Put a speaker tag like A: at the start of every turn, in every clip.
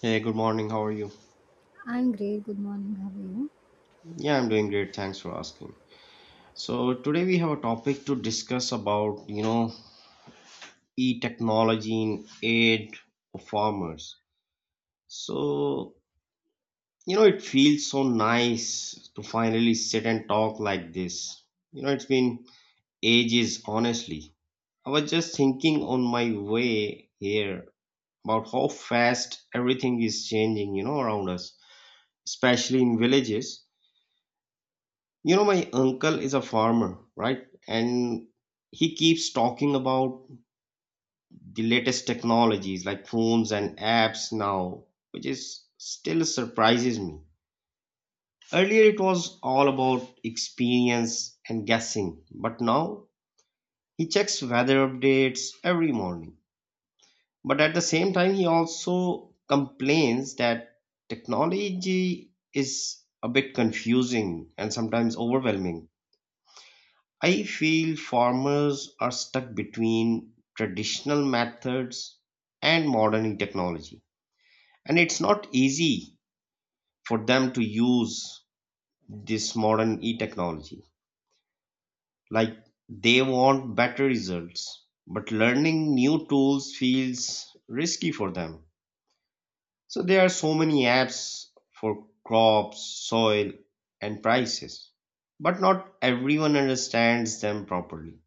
A: Hey, good morning. How are you?
B: I'm great. Good morning. How are you?
A: Yeah, I'm doing great. Thanks for asking. So today we have a topic to discuss about e-technology in aid of farmers. So, it feels so nice to finally sit and talk like this. It's been ages, honestly. I was just thinking on my way here about how fast everything is changing, around us, especially in villages. My uncle is a farmer, right? And he keeps talking about the latest technologies like phones and apps now, which is still surprises me. Earlier, it was all about experience and guessing, but now he checks weather updates every morning. But at the same time, he also complains that technology is a bit confusing and sometimes overwhelming. I feel farmers are stuck between traditional methods and modern technology. And it's not easy for them to use this modern e technology. Like they want better results, but learning new tools feels risky for them. So there are so many apps for crops, soil, and prices, but not everyone understands them properly.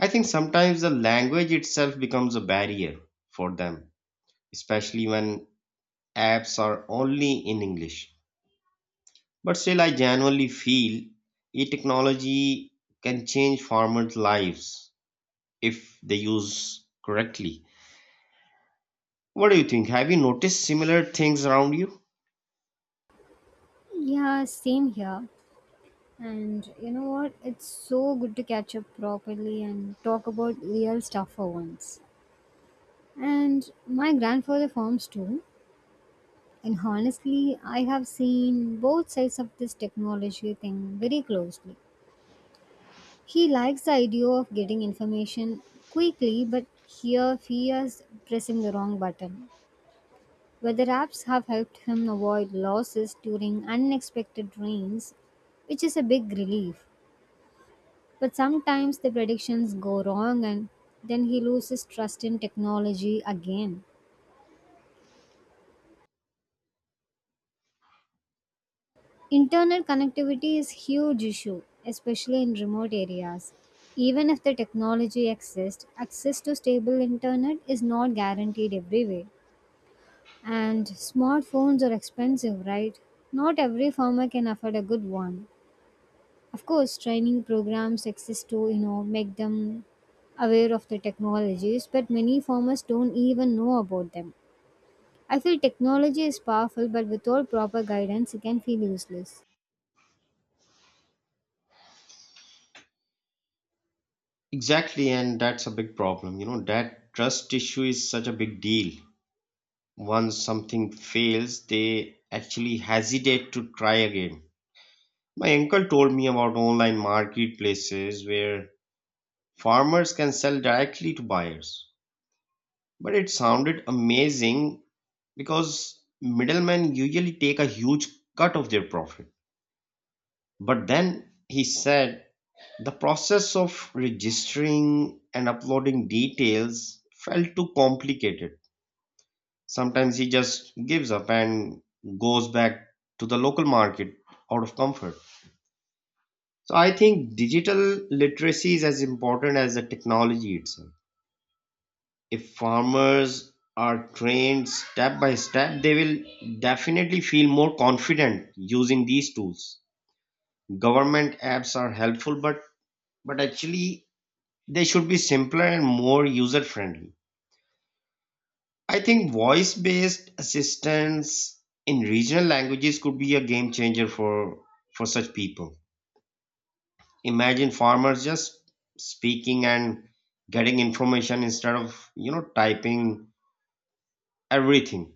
A: I think sometimes the language itself becomes a barrier for them, especially when apps are only in English. But still, I genuinely feel e technology can change farmers' lives if they use correctly. What do you think? Have you noticed similar things around you?
B: Yeah, same here. And you know what? It's so good to catch up properly and talk about real stuff for once. And my grandfather farms too. And honestly, I have seen both sides of this technology thing very closely. He likes the idea of getting information quickly, but here fears pressing the wrong button. Weather apps have helped him avoid losses during unexpected rains, which is a big relief. But sometimes the predictions go wrong and then he loses trust in technology again. Internet connectivity is huge issue, especially in remote areas. Even if the technology exists, access to stable internet is not guaranteed everywhere. And smartphones are expensive, right? Not every farmer can afford a good one. Of course, training programs exist to you know make them aware of the technologies, but many farmers don't even know about them. I feel technology is powerful, but without proper guidance, it can feel useless.
A: Exactly, and that's a big problem. That trust issue is such a big deal. Once something fails, they actually hesitate to try again. My uncle told me about online marketplaces where farmers can sell directly to buyers. But it sounded amazing because middlemen usually take a huge cut of their profit. But then he said the process of registering and uploading details felt too complicated. Sometimes he just gives up and goes back to the local market out of comfort. So I think digital literacy is as important as the technology itself. If farmers are trained step by step, they will definitely feel more confident using these tools. Government apps are helpful, but actually they should be simpler and more user friendly. I think voice based assistance in regional languages could be a game changer for such people. Imagine farmers just speaking and getting information instead of, typing everything.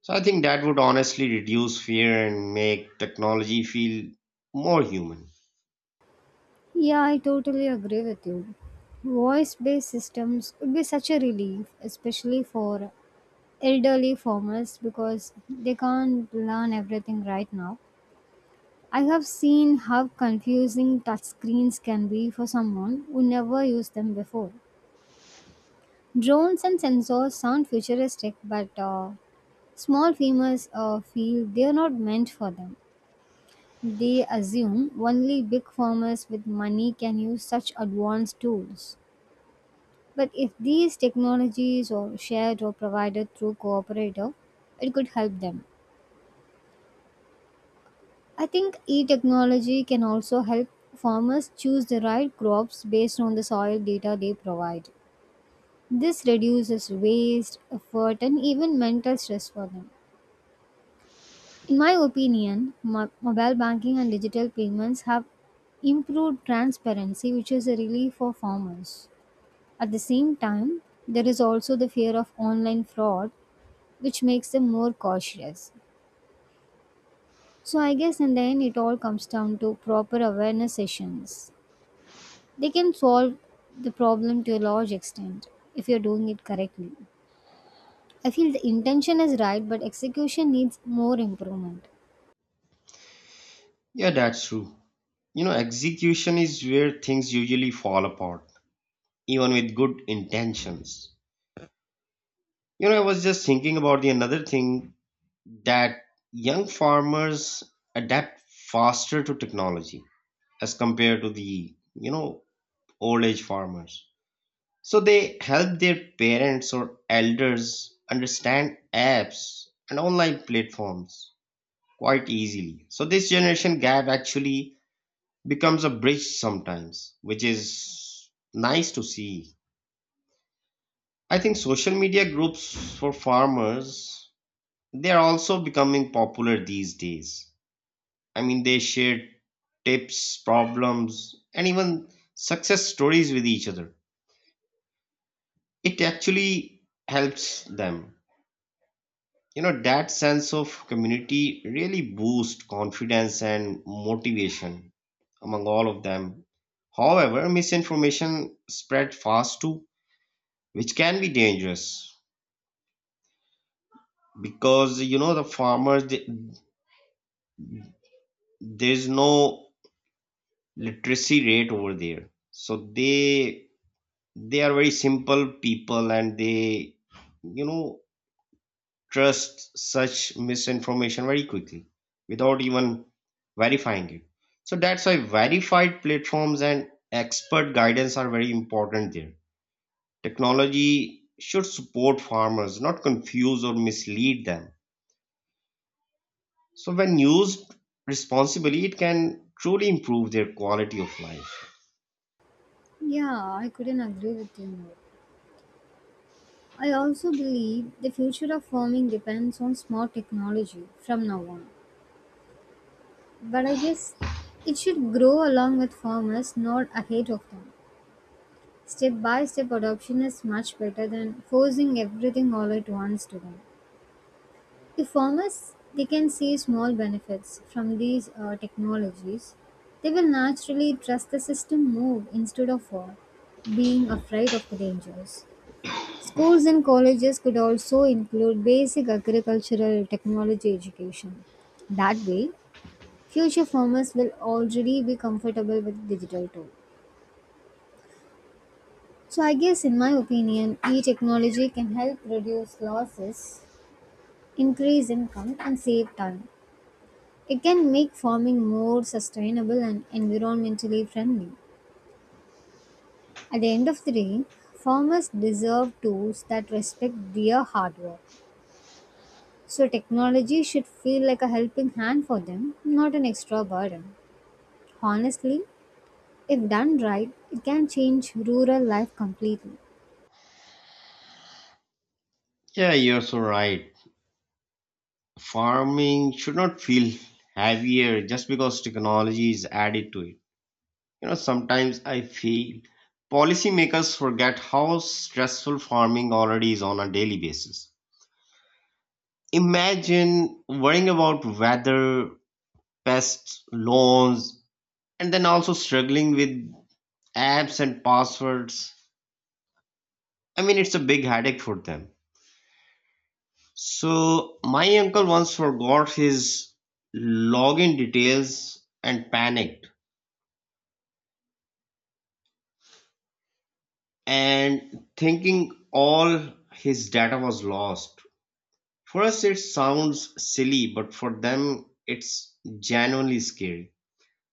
A: So I think that would honestly reduce fear and make technology feel more human.
B: Yeah, I totally agree with you. Voice based systems would be such a relief, especially for elderly farmers because they can't learn everything right now. I have seen how confusing touchscreens can be for someone who never used them before. Drones and sensors sound futuristic, but small farmers feel they are not meant for them. They assume only big farmers with money can use such advanced tools. But if these technologies are shared or provided through cooperative, it could help them. I think e-technology can also help farmers choose the right crops based on the soil data they provide. This reduces waste, effort, and even mental stress for them. In my opinion, mobile banking and digital payments have improved transparency, which is a relief for farmers. At the same time, there is also the fear of online fraud, which makes them more cautious. So, I guess in the end, it all comes down to proper awareness sessions. They can solve the problem to a large extent if you're doing it correctly. I feel the intention is right, but execution needs more improvement.
A: Yeah, that's true. Execution is where things usually fall apart, even with good intentions. I was just thinking about the another thing that young farmers adapt faster to technology as compared to the, old age farmers. So they help their parents or elders understand apps and online platforms quite easily. So this generation gap actually becomes a bridge sometimes, which is nice to see. I think social media groups for farmers they are also becoming popular these days. I mean they share tips, problems and even success stories with each other. It actually helps them that sense of community really boosts confidence and motivation among all of them. However, misinformation spread fast too, which can be dangerous because the farmers there's no literacy rate over there, so they are very simple people and they you know trust such misinformation very quickly without even verifying it. So that's why verified platforms and expert guidance are very important there. Technology should support farmers, not confuse or mislead them. So when used responsibly, it can truly improve their quality of life.
B: Yeah, I couldn't agree with you more. I also believe the future of farming depends on smart technology from now on. But I guess it should grow along with farmers, not ahead of them. Step by step adoption is much better than forcing everything all at once to them. If farmers they can see small benefits from these technologies, they will naturally trust the system more instead of being afraid of the dangers. Schools and colleges could also include basic agricultural technology education. That way, future farmers will already be comfortable with digital tools. So I guess in my opinion, e-technology can help reduce losses, increase income and save time. It can make farming more sustainable and environmentally friendly. At the end of the day, farmers deserve tools that respect their hard work. So technology should feel like a helping hand for them, not an extra burden. Honestly, if done right, it can change rural life completely.
A: Yeah, you're so right. Farming should not feel heavier just because technology is added to it. Sometimes I feel policymakers forget how stressful farming already is on a daily basis. Imagine worrying about weather, pests, loans, and then also struggling with apps and passwords. I mean, it's a big headache for them. So, my uncle once forgot his login details and panicked, and thinking all his data was lost. For us, it sounds silly, but for them, it's genuinely scary.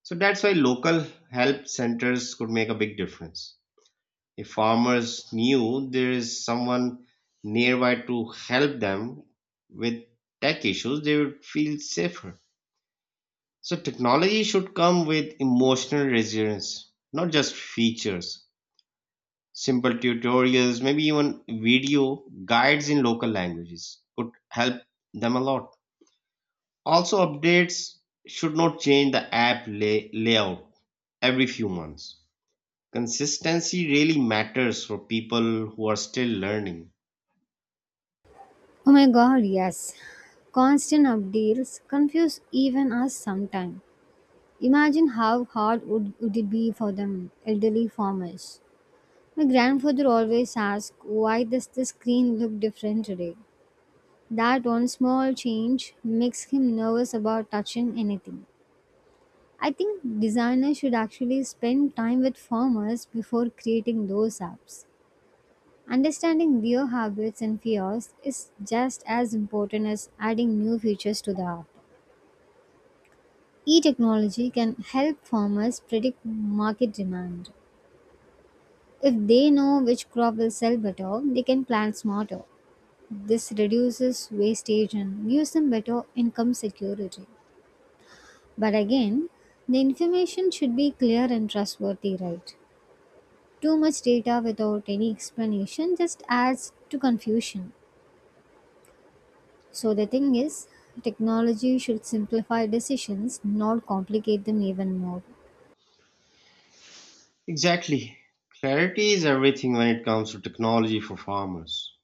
A: So that's why local help centers could make a big difference. If farmers knew there is someone nearby to help them with tech issues, they would feel safer. So technology should come with emotional resilience, not just features. Simple tutorials, maybe even video guides in local languages could help them a lot. Also, updates should not change the app layout every few months. Consistency really matters for people who are still learning.
B: Oh my god, yes. Constant updates confuse even us sometimes. Imagine how would it be for them elderly farmers. My grandfather always asks why does the screen look different today? That one small change makes him nervous about touching anything. I think designers should actually spend time with farmers before creating those apps. Understanding their habits and fears is just as important as adding new features to the app. E technology can help farmers predict market demand. If they know which crop will sell better, they can plan smarter. This reduces wastage and gives them better income security. But again, the information should be clear and trustworthy, right? Too much data without any explanation just adds to confusion. So the thing is, technology should simplify decisions, not complicate them even more.
A: Exactly. Clarity is everything when it comes to technology for farmers.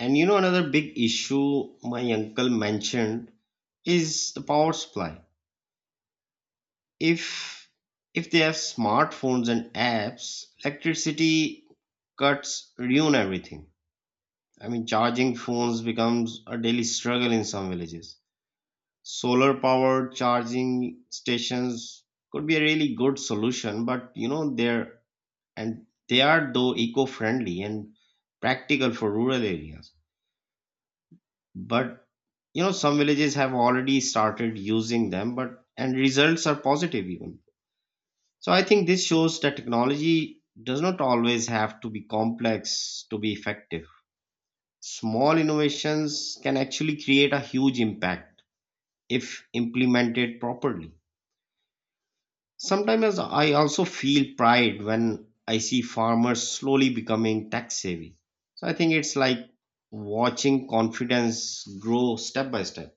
A: And another big issue my uncle mentioned is the power supply. If if they have smartphones and apps, electricity cuts ruin everything. I mean, charging phones becomes a daily struggle in some villages. Solar powered charging stations could be a really good solution, but they're and they are though eco friendly and practical for rural areas. But some villages have already started using them, but and results are positive even. So I think this shows that technology does not always have to be complex to be effective. Small innovations can actually create a huge impact if implemented properly. Sometimes I also feel pride when I see farmers slowly becoming tech savvy. So I think it's like watching confidence grow step by step.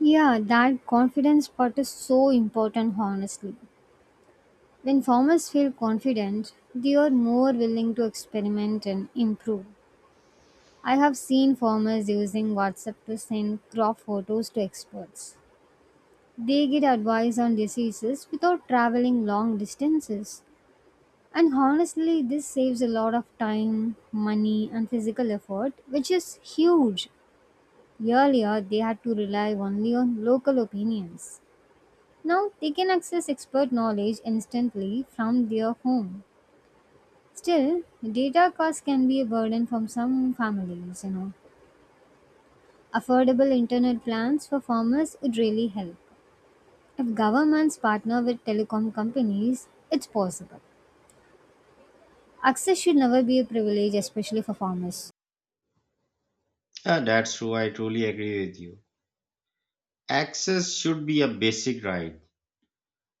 B: Yeah, that confidence part is so important, honestly. When farmers feel confident, they are more willing to experiment and improve. I have seen farmers using WhatsApp to send crop photos to experts. They get advice on diseases without traveling long distances. And honestly, this saves a lot of time, money, and physical effort, which is huge. Earlier, they had to rely only on local opinions. Now, they can access expert knowledge instantly from their home. Still, data costs can be a burden from some families, you know. Affordable internet plans for farmers would really help. If governments partner with telecom companies, it's possible. Access should never be a privilege, especially for farmers.
A: Yeah, that's true. I truly agree with you. Access should be a basic right.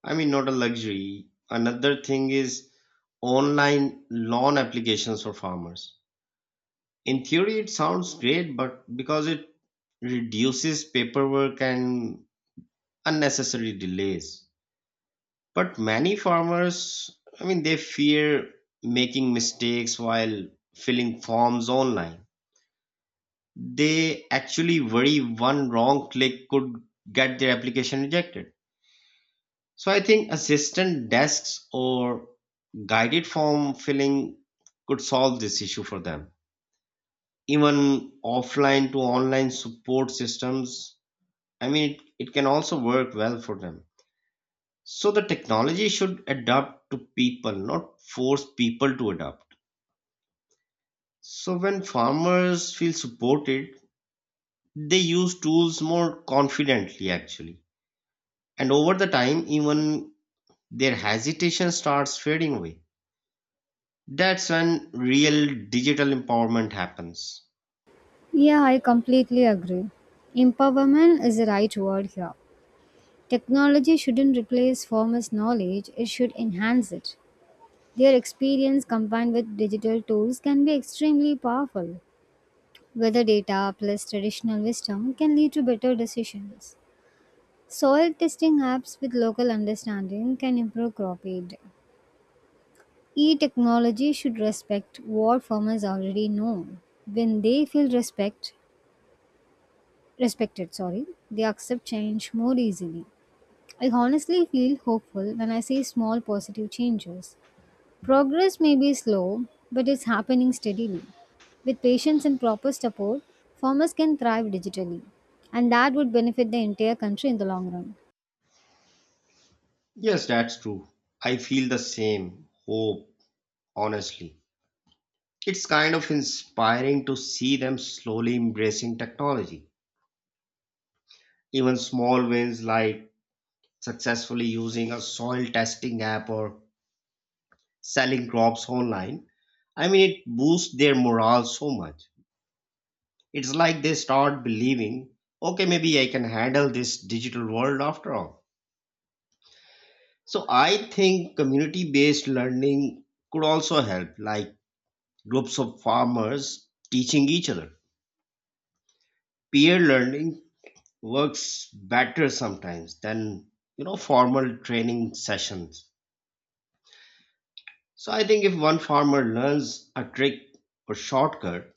A: I mean, not a luxury. Another thing is online loan applications for farmers. In theory, it sounds great but because it reduces paperwork and unnecessary delays but many farmers, I mean, they fear making mistakes while filling forms online. They actually worry one wrong click could get their application rejected. So I think assistant desks or guided form filling could solve this issue for them. Even offline to online support systems, I mean, it can also work well for them. So the technology should adapt to people, not force people to adapt. So when farmers feel supported, they use tools more confidently actually. And over the time, even their hesitation starts fading away. That's when real digital empowerment happens.
B: Yeah, I completely agree. Empowerment is the right word here. Technology shouldn't replace farmers' knowledge, it should enhance it. Their experience combined with digital tools can be extremely powerful. Weather data plus traditional wisdom can lead to better decisions. Soil testing apps with local understanding can improve crop yield. E technology should respect what farmers already know. When they feel respected, sorry, they accept change more easily. I honestly feel hopeful when I see small positive changes. Progress may be slow, but it's happening steadily. With patience and proper support, farmers can thrive digitally, and that would benefit the entire country in the long run.
A: Yes, that's true. I feel the same hope, honestly. It's kind of inspiring to see them slowly embracing technology. Even small wins like successfully using a soil testing app or selling crops online, I mean, it boosts their morale so much. It's like they start believing, okay, maybe I can handle this digital world after all. So I think community based learning could also help, like groups of farmers teaching each other. Peer learning works better sometimes than formal training sessions. So I think if one farmer learns a trick or shortcut,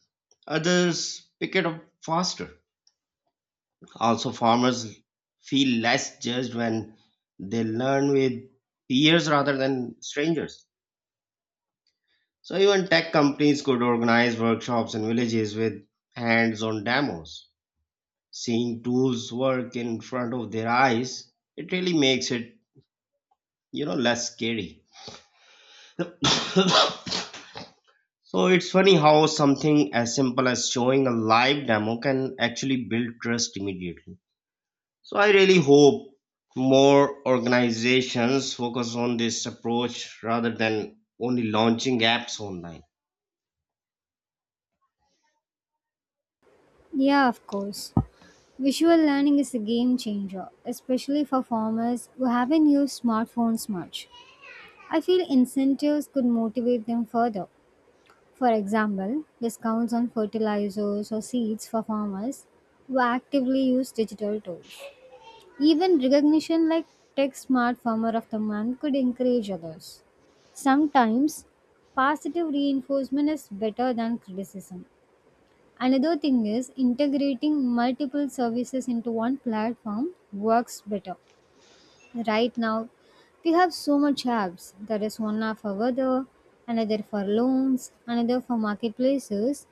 A: others pick it up faster. Also, farmers feel less judged when they learn with peers rather than strangers. So even tech companies could organize workshops in villages with hands-on demos. Seeing tools work in front of their eyes, it really makes it, less scary. So it's funny how something as simple as showing a live demo can actually build trust immediately. So I really hope more organizations focus on this approach rather than only launching apps online.
B: Yeah, of course. Visual learning is a game changer, especially for farmers who haven't used smartphones much. I feel incentives could motivate them further. For example, discounts on fertilizers or seeds for farmers who actively use digital tools. Even recognition like Tech Smart Farmer of the Month could encourage others. Sometimes, positive reinforcement is better than criticism. Another thing is integrating multiple services into one platform works better. Right now, we have so much apps. There is one app for weather, another for loans, another for marketplaces,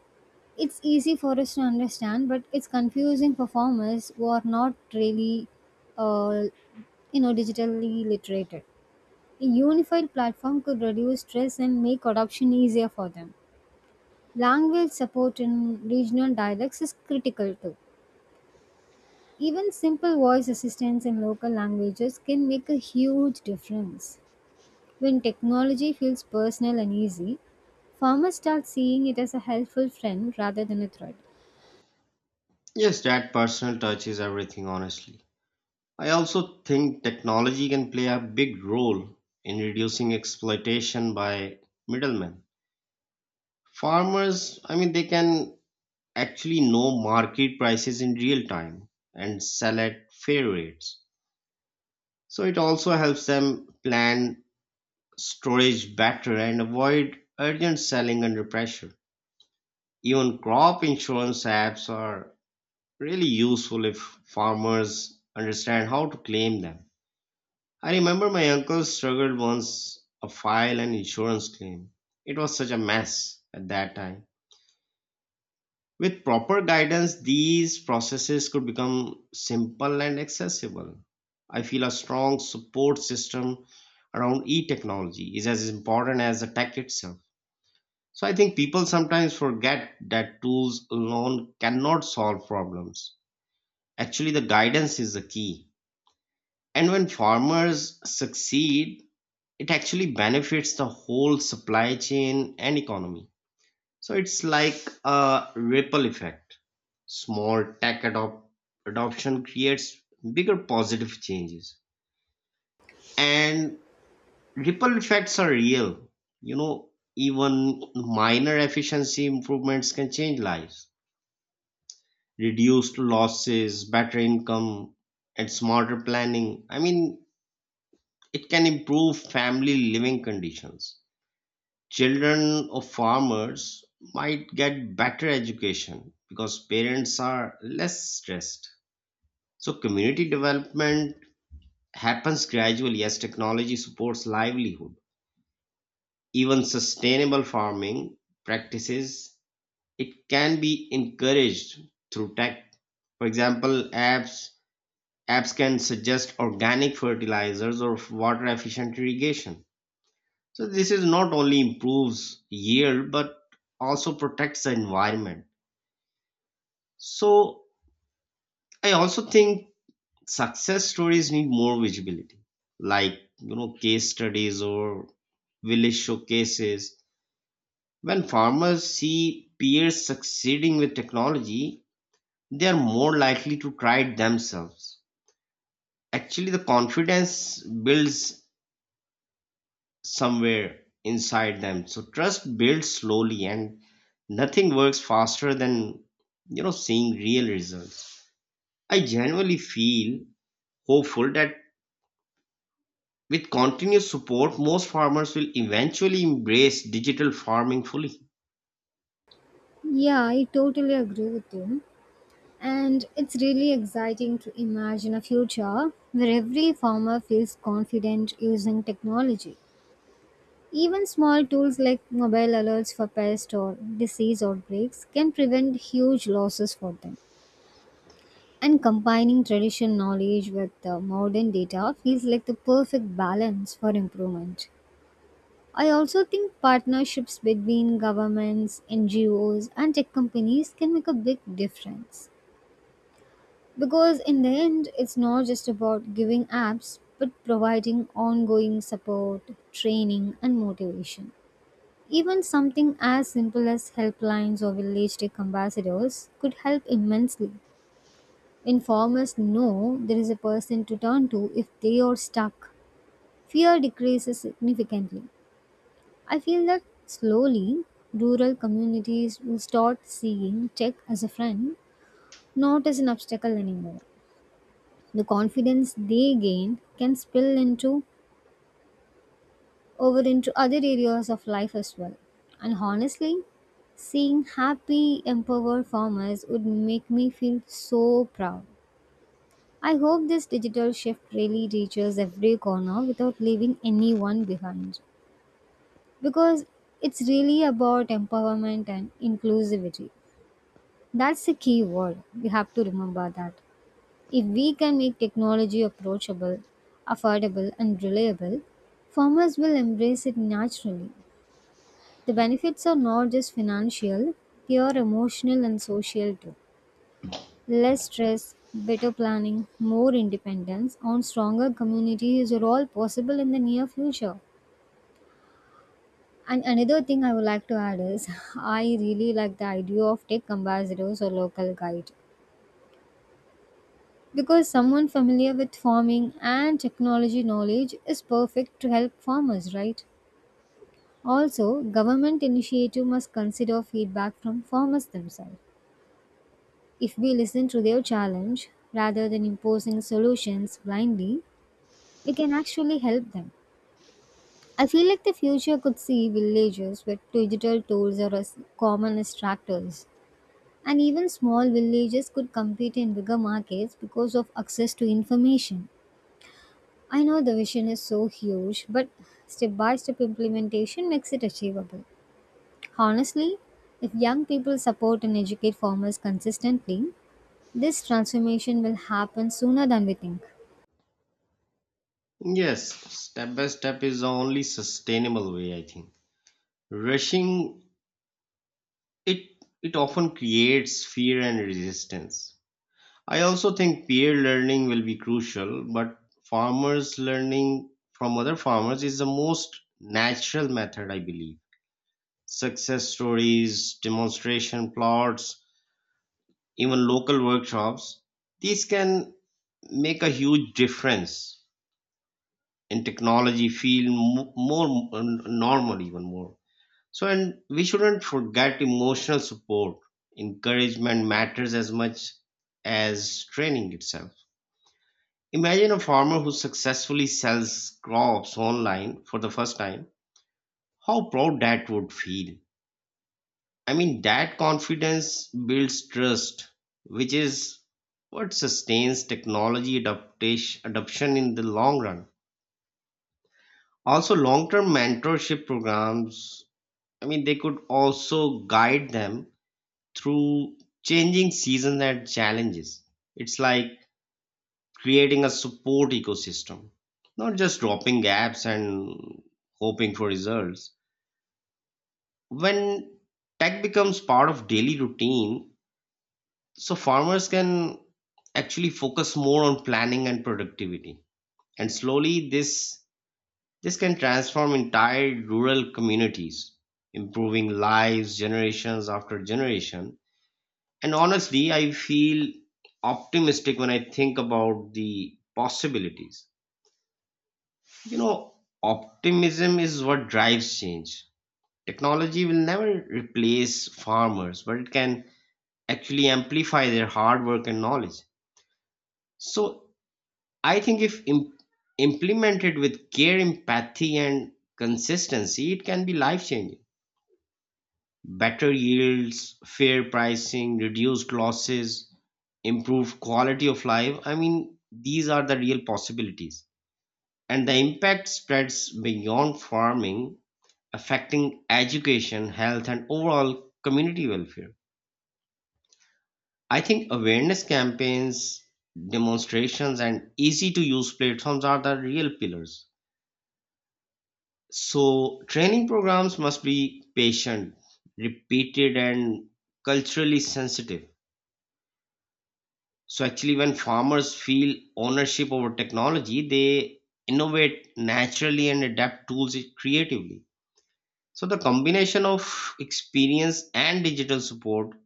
B: it's easy for us to understand, but it's confusing for farmers who are not really, uh, you know, digitally literated. A unified platform could reduce stress and make adoption easier for them. Language support in regional dialects is critical too. Even simple voice assistance in local languages can make a huge difference. When technology feels personal and easy, farmers start seeing it as a helpful friend rather than a threat.
A: Yes, that personal touch is everything, honestly. I also think technology can play a big role in reducing exploitation by middlemen. Farmers, I mean, they can actually know market prices in real time and sell at fair rates. So it also helps them plan storage better and avoid urgent selling under pressure. Even crop insurance apps are really useful if farmers understand how to claim them. I remember my uncle struggled once a file an insurance claim. It was such a mess at that time. With proper guidance, these processes could become simple and accessible. I feel a strong support system around e technology is as important as the tech itself. So I think people sometimes forget that tools alone cannot solve problems. Actually, the guidance is the key. And when farmers succeed, it actually benefits the whole supply chain and economy. So it's like a ripple effect. Small tech adoption creates bigger positive changes. And ripple effects are real. You know, even minor efficiency improvements can change lives. Reduced losses, better income, and smarter planning. I mean, it can improve family living conditions. Children of farmers might get better education because parents are less stressed. So community development happens gradually as technology supports livelihood. Even sustainable farming practices, it can be encouraged through tech. For example, apps can suggest organic fertilizers or water efficient irrigation. So this is not only improves yield but also protects the environment. So I also think success stories need more visibility, like case studies or village showcases. When farmers see peers succeeding with technology, they are more likely to try it themselves. Actually, the confidence builds somewhere inside them, so trust builds slowly, and nothing works faster than seeing real results. I genuinely feel hopeful that with continuous support most farmers will eventually embrace digital farming fully.
B: Yeah, I totally agree with you. And it's really exciting to imagine a future where every farmer feels confident using technology. Even small tools like mobile alerts for pest or disease outbreaks can prevent huge losses for them. And combining traditional knowledge with modern data feels like the perfect balance for improvement. I also think partnerships between governments, NGOs, and tech companies can make a big difference. Because in the end, it's not just about giving apps, but providing ongoing support, training, and motivation. Even something as simple as helplines or village tech ambassadors could help immensely. When farmers know there is a person to turn to if they are stuck, fear decreases significantly. I feel that slowly, rural communities will start seeing tech as a friend, not as an obstacle anymore. The confidence they gain can spill into over into other areas of life as well. And honestly, seeing happy, empowered farmers would make me feel so proud. I hope this digital shift really reaches every corner without leaving anyone behind. Because it's really about empowerment and inclusivity. That's the key word. We have to remember that. If we can make technology approachable, affordable, and reliable, farmers will embrace it naturally. The benefits are not just financial, they are emotional and social too. Less stress, better planning, more independence, and stronger communities are all possible in the near future. And another thing I would like to add is I really like the idea of tech ambassadors or local guide, because someone familiar with farming and technology knowledge is perfect to help farmers, right? Also government initiative must consider feedback from farmers themselves. If we listen to their challenge rather than imposing solutions blindly, we can actually help them. I feel like the future could see villages with digital tools are as common as tractors, and even small villages could compete in bigger markets because of access to information. I know the vision is so huge, but step by step implementation makes it achievable. Honestly, if young people support and educate farmers consistently, this transformation will happen sooner than we think.
A: Yes, step by step is the only sustainable way, I think. Rushing it it often creates fear and resistance. I also think peer learning will be crucial, but farmers learning from other farmers is the most natural method, I believe. Success stories, demonstration plots, even local workshops, these can make a huge difference in technology feel more normal, even more. So, and we shouldn't forget emotional support. Encouragement matters as much as training itself. Imagine a farmer who successfully sells crops online for the first time. How proud that would feel. I mean, that confidence builds trust, which is what sustains technology adaptation, adoption in the long run. Also, long term mentorship programs, I mean, they could also guide them through changing seasons and challenges. It's like creating a support ecosystem, not just dropping apps and hoping for results. When tech becomes part of daily routine, so farmers can actually focus more on planning and productivity. And slowly this can transform entire rural communities, improving lives generations after generation. And honestly, I feel optimistic when I think about the possibilities. You know, optimism is what drives change. Technology will never replace farmers, but it can actually amplify their hard work and knowledge. So, I think if implemented with care, empathy, and consistency, it can be life changing. Better yields, fair pricing, reduced losses, improved quality of life. I mean, these are the real possibilities. And the impact spreads beyond farming, affecting education, health, and overall community welfare. I think awareness campaigns, demonstrations, and easy to use platforms are the real pillars. So, training programs must be patient, repeated, and culturally sensitive. So, actually, when farmers feel ownership over technology, they innovate naturally and adapt tools creatively. So, the combination of experience and digital support,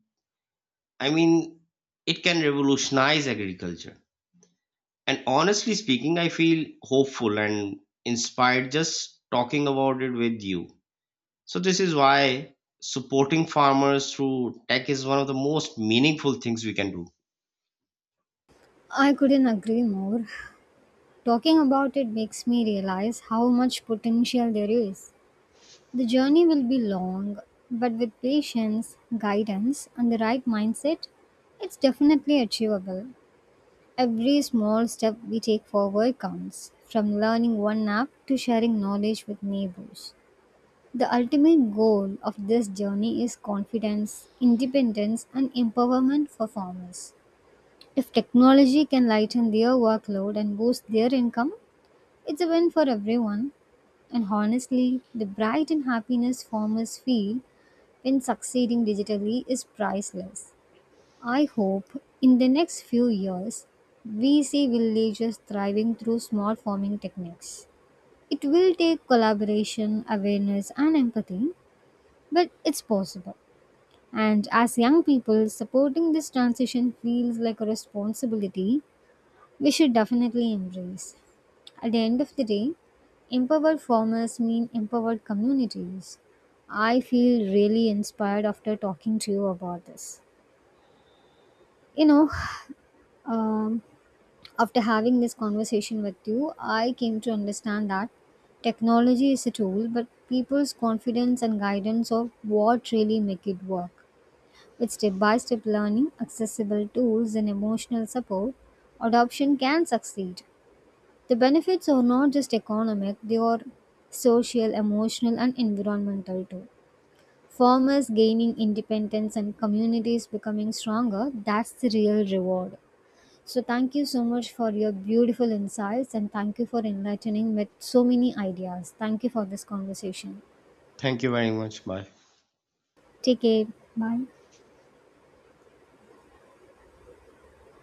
A: I mean, it can revolutionize agriculture. And honestly speaking, I feel hopeful and inspired just talking about it with you. So, this is why supporting farmers through tech is one of the most meaningful things we can do.
B: I couldn't agree more. Talking about it makes me realize how much potential there is. The journey will be long, but with patience, guidance, and the right mindset, it's definitely achievable. Every small step we take forward counts, from learning one app to sharing knowledge with neighbors. The ultimate goal of this journey is confidence, independence, and empowerment for farmers. If technology can lighten their workload and boost their income, it's a win for everyone. And honestly, the pride and happiness farmers feel when succeeding digitally is priceless. I hope in the next few years we see villages thriving through smart farming techniques. It will take collaboration, awareness, and empathy, but it's possible. And as young people, supporting this transition feels like a responsibility we should definitely embrace. At the end of the day, empowered farmers mean empowered communities. I feel really inspired after talking to you about this. You know, um, After having this conversation with you, I came to understand that technology is a tool, but people's confidence and guidance are what really make it work. With step by step learning, accessible tools, and emotional support, adoption can succeed. The benefits are not just economic, they are social, emotional, and environmental too. Farmers gaining independence and communities becoming stronger, that's the real reward. So, thank you so much for your beautiful insights and thank you for enlightening with so many ideas. Thank you for this conversation.
A: Thank you very much. Bye.
B: Take care. Bye.